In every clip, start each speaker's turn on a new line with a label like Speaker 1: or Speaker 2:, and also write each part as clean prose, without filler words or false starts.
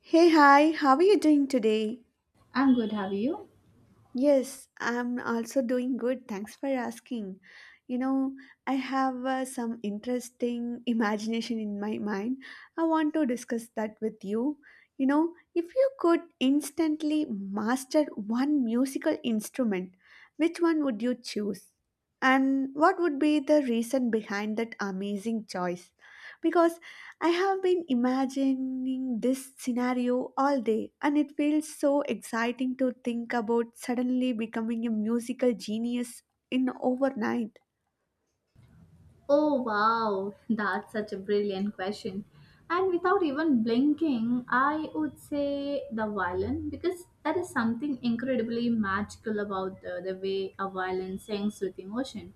Speaker 1: Hey, hi, how are you doing today?
Speaker 2: I'm good, have you?
Speaker 1: Yes, I'm also doing good. Thanks for asking. You know, I have some interesting imagination in my mind. I want to discuss that with you. You know, if you could instantly master one musical instrument, which one would you choose? And what would be the reason behind that amazing choice? Because I have been imagining this scenario all day, and it feels so exciting to think about suddenly becoming a musical genius in overnight.
Speaker 2: Oh wow, that's such a brilliant question. And without even blinking, I would say the violin because there is something incredibly magical about the way a violin sings with emotion.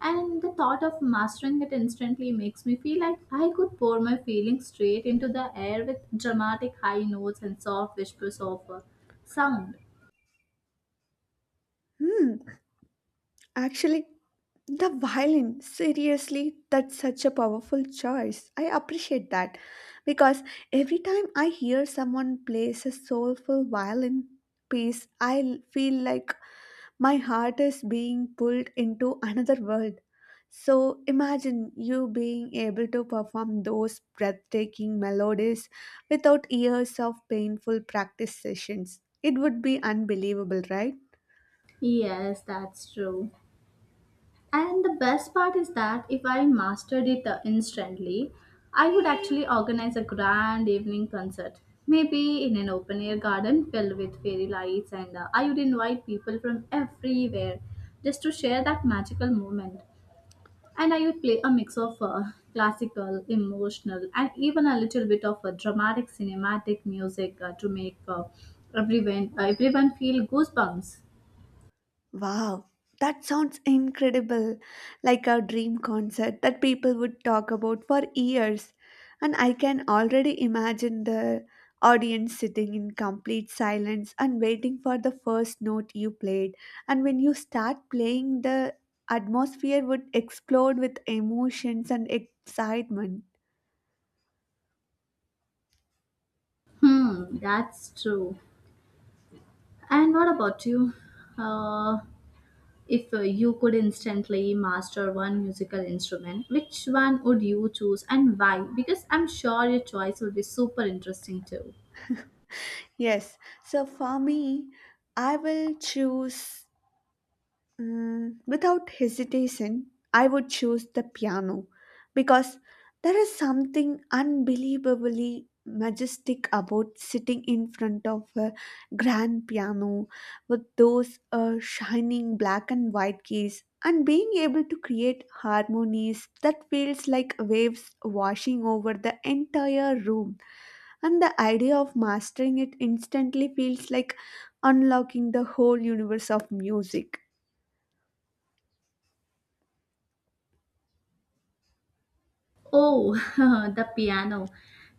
Speaker 2: And the thought of mastering it instantly makes me feel like I could pour my feelings straight into the air with dramatic high notes and soft whispers of sound.
Speaker 1: Hmm, actually, the violin, seriously, that's such a powerful choice. I appreciate that because every time I hear someone plays a soulful violin piece, I feel like my heart is being pulled into another world. So imagine you being able to perform those breathtaking melodies without years of painful practice sessions. It would be unbelievable, right?
Speaker 2: Yes, that's true. And the best part is that if I mastered it instantly, I would actually organize a grand evening concert. Maybe in an open air garden filled with fairy lights, and I would invite people from everywhere just to share that magical moment. And I would play a mix of classical, emotional, and even a little bit of dramatic cinematic music to make everyone feel goosebumps.
Speaker 1: Wow, that sounds incredible. Like a dream concert that people would talk about for years. And I can already imagine the audience sitting in complete silence and waiting for the first note you played. And when you start playing, the atmosphere would explode with emotions and excitement.
Speaker 2: Hmm, that's true. And what about you? Uh, if you could instantly master one musical instrument, which one would you choose and why? Because I'm sure your choice will be super interesting too.
Speaker 1: Yes, so for me, I will choose. Without hesitation, I would choose the piano because there is something unbelievably majestic about sitting in front of a grand piano with those shining black and white keys and being able to create harmonies that feels like waves washing over the entire room, and the idea of mastering it instantly feels like unlocking the whole universe of music.
Speaker 2: Oh, the piano.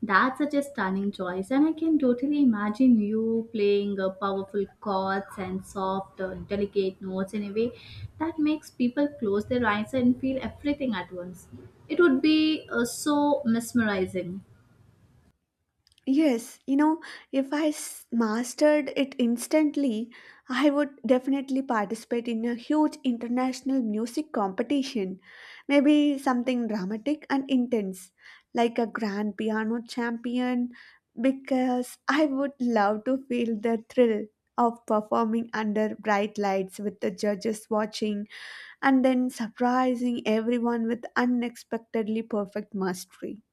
Speaker 2: That's such a stunning choice, and I can totally imagine you playing powerful chords and soft, delicate notes in a way that makes people close their eyes and feel everything at once. It would be so mesmerizing.
Speaker 1: Yes, you know, if I s- mastered it instantly, I would definitely participate in a huge international music competition. Maybe something dramatic and intense, like a grand piano champion, because I would love to feel the thrill of performing under bright lights with the judges watching and then surprising everyone with unexpectedly perfect mastery.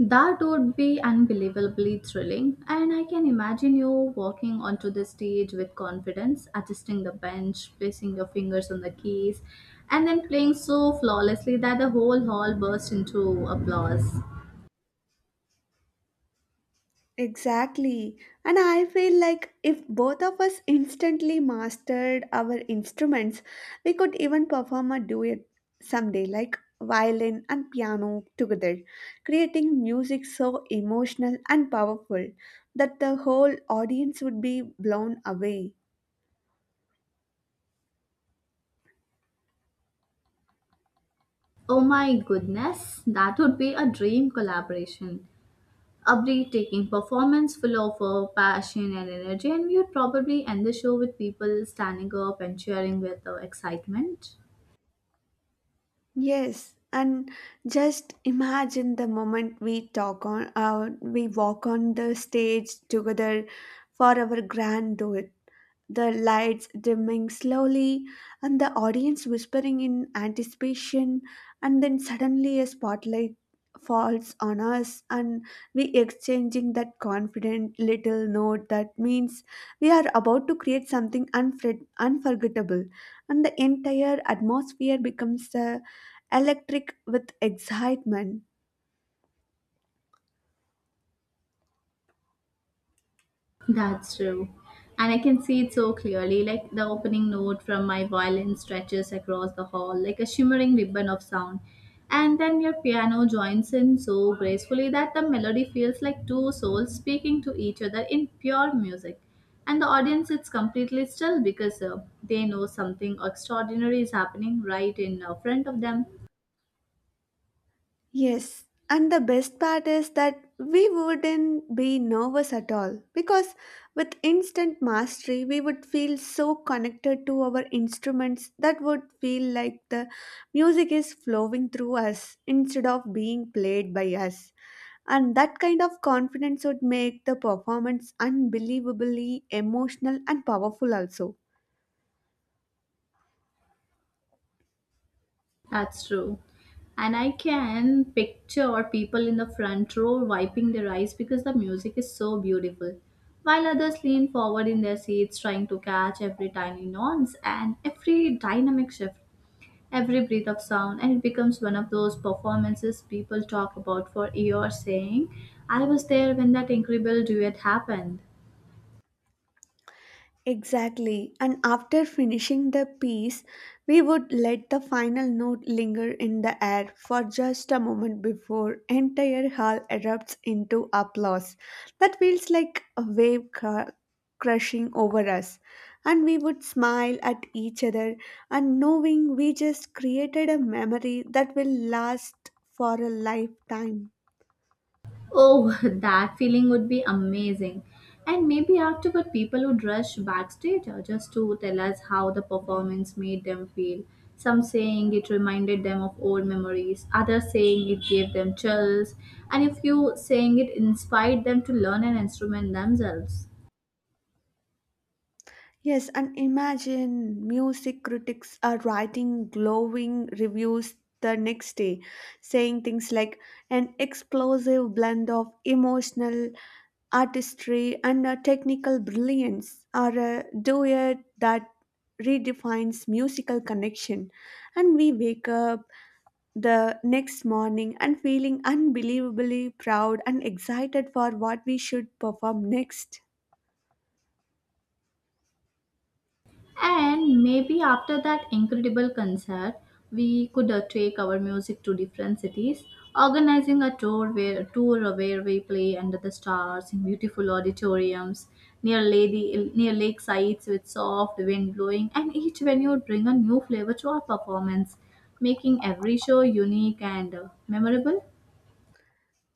Speaker 2: That would be unbelievably thrilling, and I can imagine you walking onto the stage with confidence, adjusting the bench, placing your fingers on the keys, and then playing so flawlessly that the whole hall bursts into applause.
Speaker 1: Exactly. And I feel like if both of us instantly mastered our instruments, we could even perform a duet someday, like violin and piano together, creating music so emotional and powerful that the whole audience would be blown away.
Speaker 2: Oh my goodness, that would be a dream collaboration. A breathtaking performance full of passion and energy, and we would probably end the show with people standing up and cheering with excitement.
Speaker 1: Yes, and just imagine the moment we walk on the stage together for our grand duet, the lights dimming slowly, and the audience whispering in anticipation, and then suddenly a spotlight falls on us and we exchanging that confident little note that means we are about to create something unforgettable, and the entire atmosphere becomes electric with excitement.
Speaker 2: That's true. And I can see it so clearly, like the opening note from my violin stretches across the hall like a shimmering ribbon of sound. And then your piano joins in so gracefully that the melody feels like two souls speaking to each other in pure music. And the audience sits completely still because they know something extraordinary is happening right in front of them.
Speaker 1: Yes, and the best part is that we wouldn't be nervous at all because with instant mastery, we would feel so connected to our instruments that would feel like the music is flowing through us instead of being played by us. And that kind of confidence would make the performance unbelievably emotional and powerful, also.
Speaker 2: That's true. And I can picture people in the front row wiping their eyes because the music is so beautiful, while others lean forward in their seats trying to catch every tiny nuance and every dynamic shift, every breath of sound, and it becomes one of those performances people talk about for years saying, I was there when that incredible duet happened.
Speaker 1: Exactly. And after finishing the piece, we would let the final note linger in the air for just a moment before entire hall erupts into applause. That feels like a crushing over us. And we would smile at each other and knowing we just created a memory that will last for a lifetime.
Speaker 2: Oh, that feeling would be amazing. And maybe afterward, people would rush backstage just to tell us how the performance made them feel. Some saying it reminded them of old memories, others saying it gave them chills, and a few saying it inspired them to learn an instrument themselves.
Speaker 1: Yes, and imagine music critics are writing glowing reviews the next day, saying things like an explosive blend of emotional artistry and a technical brilliance, or a duet that redefines musical connection. And we wake up the next morning and feeling unbelievably proud and excited for what we should perform next.
Speaker 2: And maybe after that incredible concert, we could take our music to different cities, organizing a tour where we play under the stars in beautiful auditoriums near lake sites with soft wind blowing, and each venue would bring a new flavor to our performance, making every show unique and memorable.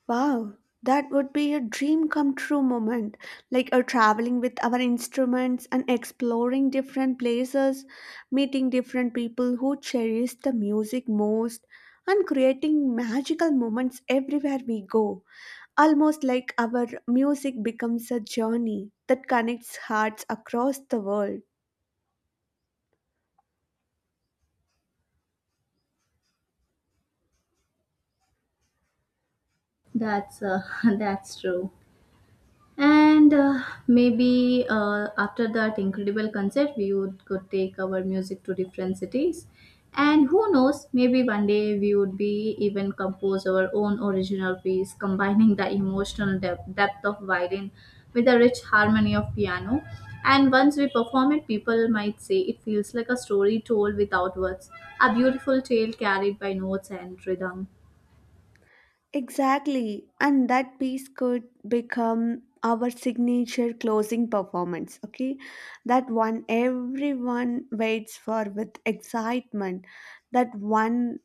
Speaker 1: Wow, that would be a dream come true moment, like a traveling with our instruments and exploring different places, meeting different people who cherish the music most, and creating magical moments everywhere we go. Almost like our music becomes a journey that connects hearts across the world.
Speaker 2: That's that's true. And maybe after that incredible concert, we would could take our music to different cities. And who knows, maybe one day we would be even compose our own original piece, combining the emotional depth of violin with the rich harmony of piano. And once we perform it, people might say it feels like a story told without words, a beautiful tale carried by notes and rhythm.
Speaker 1: Exactly, and that piece could become our signature closing performance. Okay, that one everyone waits for with excitement. That one,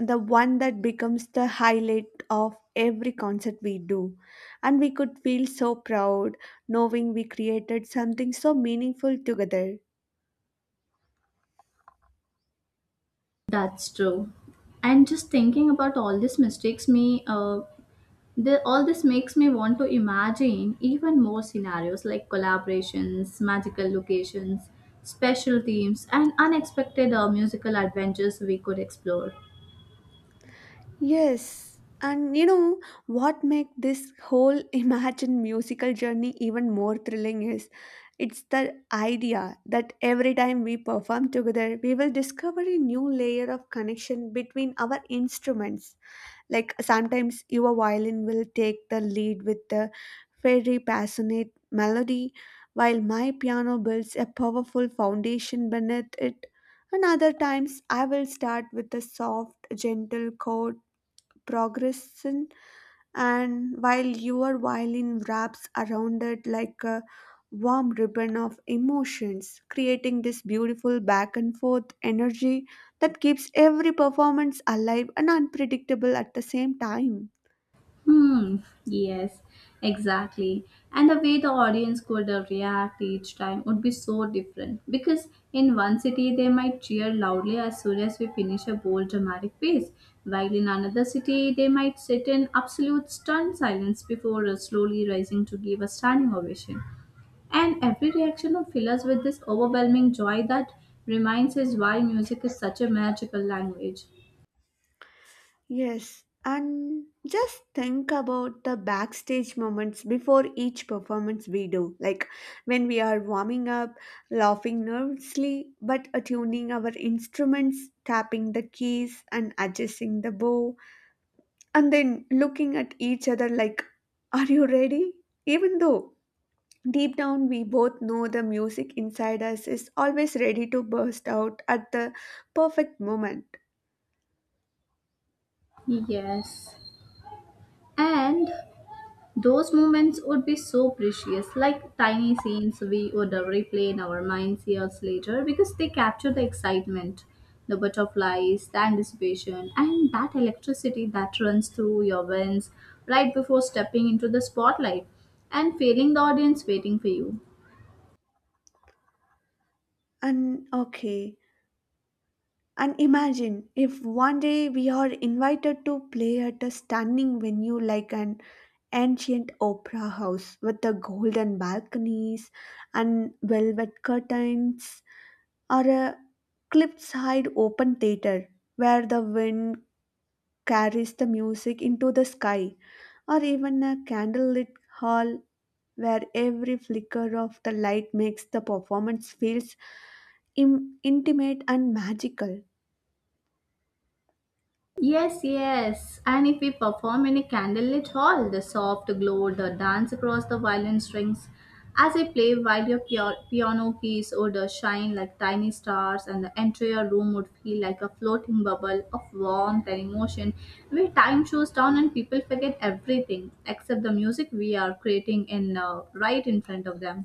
Speaker 1: the one that becomes the highlight of every concert we do. And we could feel so proud knowing we created something so meaningful together.
Speaker 2: That's true. And just thinking about all these mistakes, all this makes me want to imagine even more scenarios like collaborations, magical locations, special themes, and unexpected musical adventures we could explore.
Speaker 1: Yes, and you know what make this whole imagine musical journey even more thrilling is it's the idea that every time we perform together, we will discover a new layer of connection between our instruments. Like sometimes your violin will take the lead with the very passionate melody, while my piano builds a powerful foundation beneath it. And other times I will start with a soft, gentle chord progression, and while your violin wraps around it like a warm ribbon of emotions, creating this beautiful back and forth energy that keeps every performance alive and unpredictable at the same time.
Speaker 2: Hmm, yes, exactly. And the way the audience could react each time would be so different because in one city they might cheer loudly as soon as we finish a bold dramatic piece, while in another city they might sit in absolute stunned silence before slowly rising to give a standing ovation. And every reaction would fill us with this overwhelming joy that reminds us why music is such a magical language.
Speaker 1: Yes, and just think about the backstage moments before each performance we do, like when we are warming up, laughing nervously, but attuning our instruments, tapping the keys, and adjusting the bow, and then looking at each other like, are you ready? Even though deep down we both know the music inside us is always ready to burst out at the perfect moment.
Speaker 2: Yes. And those moments would be so precious, like tiny scenes we would replay in our minds years later because they capture the excitement, the butterflies, the anticipation, and that electricity that runs through your veins right before stepping into the spotlight and feeling the audience waiting for you.
Speaker 1: And okay. And imagine if one day we are invited to play at a stunning venue like an ancient opera house with the golden balconies and velvet curtains, or a cliffside open theater where the wind carries the music into the sky, or even a candlelit hall where every flicker of the light makes the performance feels intimate and magical.
Speaker 2: Yes, yes. And if we perform in a candlelit hall, the soft glow, the dance across the violin strings as I play while your piano keys would shine like tiny stars, and the entire room would feel like a floating bubble of warmth and emotion where time slows down and people forget everything except the music we are creating in right in front of them.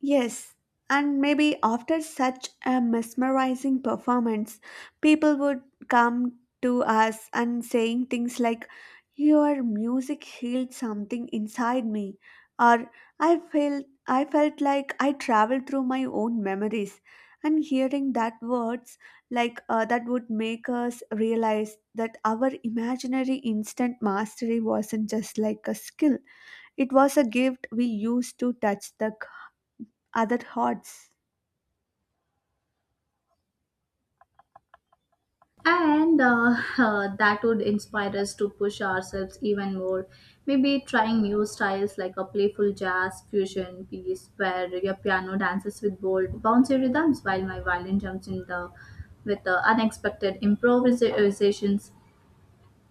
Speaker 1: Yes, and maybe after such a mesmerizing performance, people would come to us and saying things like, your music healed something inside me, or I felt like I traveled through my own memories. And hearing that words like that would make us realize that our imaginary instant mastery wasn't just like a skill. It was a gift we used to touch the other thoughts.
Speaker 2: And that would inspire us to push ourselves even more. Maybe trying new styles like a playful jazz fusion piece where your piano dances with bold, bouncy rhythms while my violin jumps in the with the unexpected improvisations.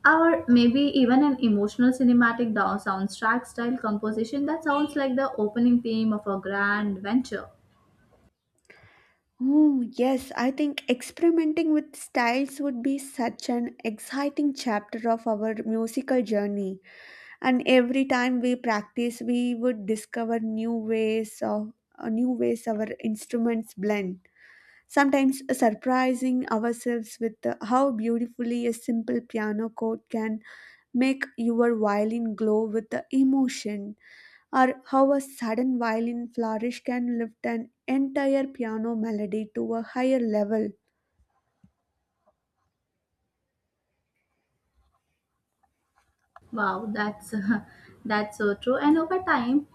Speaker 2: Or maybe even an emotional cinematic soundtrack style composition that sounds like the opening theme of a grand venture.
Speaker 1: Oh, yes, I think experimenting with styles would be such an exciting chapter of our musical journey. And every time we practice, we would discover new ways our instruments blend. Sometimes surprising ourselves with how beautifully a simple piano chord can make your violin glow with the emotion, or how a sudden violin flourish can lift an entire piano melody to a higher level.
Speaker 2: Wow, that's that's so true. And over time,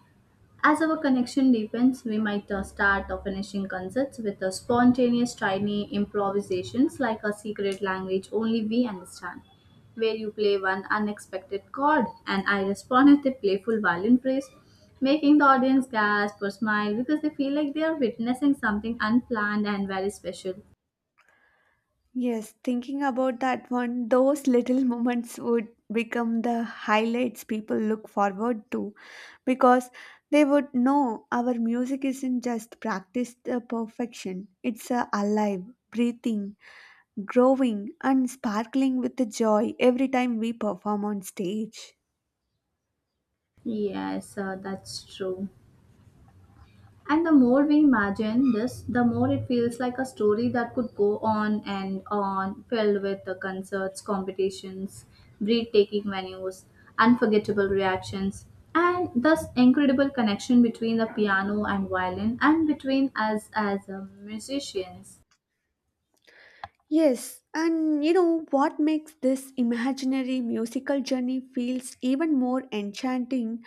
Speaker 2: as our connection deepens, we might start or finishing concerts with a spontaneous, tiny improvisations like a secret language only we understand, where you play one unexpected chord and I respond with a playful violin phrase, making the audience gasp or smile because they feel like they are witnessing something unplanned and very special.
Speaker 1: Yes, thinking about that one, those little moments would become the highlights people look forward to because they would know our music isn't just practiced to perfection, it's alive, breathing, growing, and sparkling with the joy every time we perform on stage.
Speaker 2: Yes, that's true. And the more we imagine this, the more it feels like a story that could go on and on, filled with the concerts, competitions, breathtaking venues, unforgettable reactions, and thus incredible connection between the piano and violin and between us as musicians.
Speaker 1: Yes, and you know what makes this imaginary musical journey feels even more enchanting?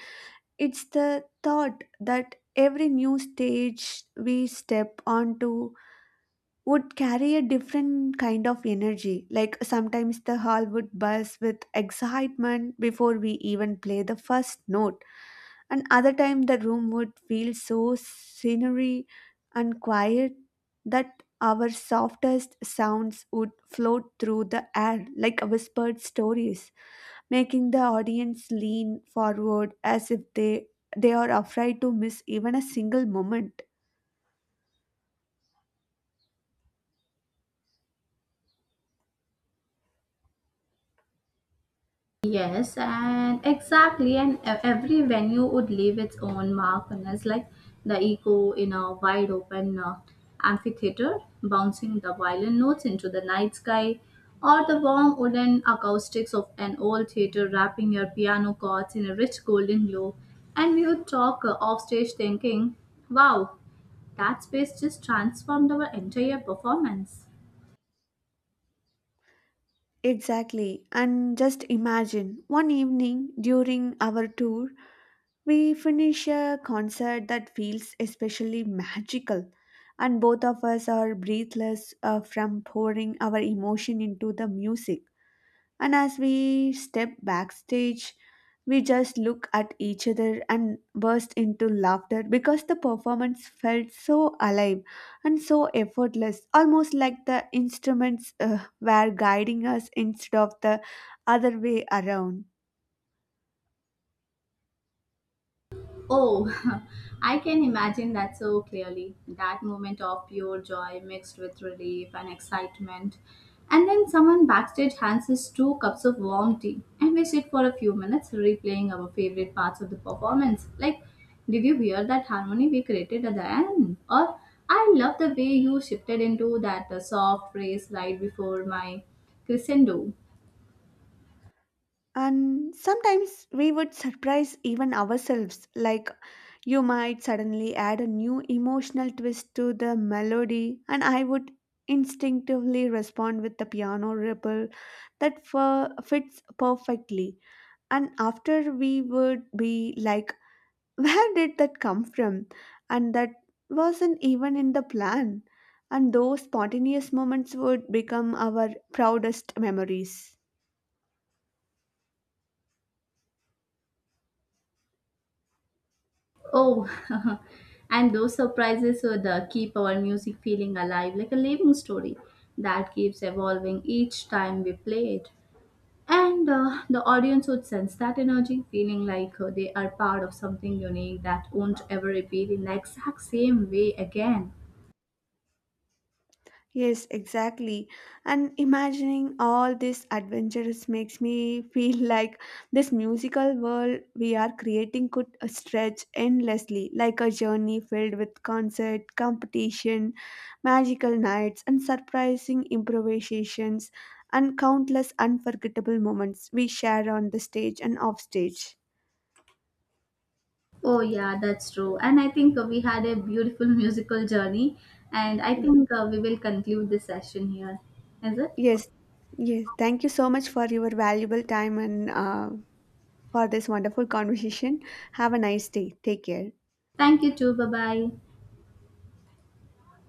Speaker 1: It's the thought that every new stage we step onto would carry a different kind of energy. Like sometimes the hall would buzz with excitement before we even play the first note, and other time the room would feel so scenery and quiet that our softest sounds would float through the air like whispered stories, making the audience lean forward as if they are afraid to miss even a single moment.
Speaker 2: Yes, and exactly, and every venue would leave its own mark on us, like the echo in a wide open amphitheater, bouncing the violin notes into the night sky, or the warm wooden acoustics of an old theater wrapping your piano chords in a rich golden glow. And we would talk offstage thinking, wow, that space just transformed our entire performance.
Speaker 1: Exactly. And just imagine one evening during our tour, we finish a concert that feels especially magical, and both of us are breathless from pouring our emotion into the music. And as we step backstage, we just look at each other and burst into laughter because the performance felt so alive and so effortless, almost like the instruments were guiding us instead of the other way around.
Speaker 2: Oh, I can imagine that so clearly. That moment of pure joy mixed with relief and excitement. And then someone backstage hands us two cups of warm tea, and we sit for a few minutes replaying our favorite parts of the performance. Like, did you hear that harmony we created at the end? Or, I love the way you shifted into that soft phrase right before my crescendo.
Speaker 1: And sometimes we would surprise even ourselves, like you might suddenly add a new emotional twist to the melody, and I would instinctively respond with the piano ripple that fits perfectly. And after we would be like, where did that come from? And that wasn't even in the plan. And those spontaneous moments would become our proudest memories.
Speaker 2: Oh, and those surprises would keep our music feeling alive like a living story that keeps evolving each time we play it. And the audience would sense that energy, feeling like they are part of something unique that won't ever repeat in the exact same way again.
Speaker 1: Yes, exactly. And imagining all these adventures makes me feel like this musical world we are creating could stretch endlessly, like a journey filled with concert, competition, magical nights, and surprising improvisations, and countless unforgettable moments we share on the stage and off stage.
Speaker 2: Oh, yeah, that's true. And I think we had a beautiful musical journey, and I
Speaker 1: Mm,
Speaker 2: think we will conclude this session here. Is it?
Speaker 1: Yes, yes. Thank you so much for your valuable time and for this wonderful conversation. Have a nice day. Take care.
Speaker 2: Thank you, too. Bye bye.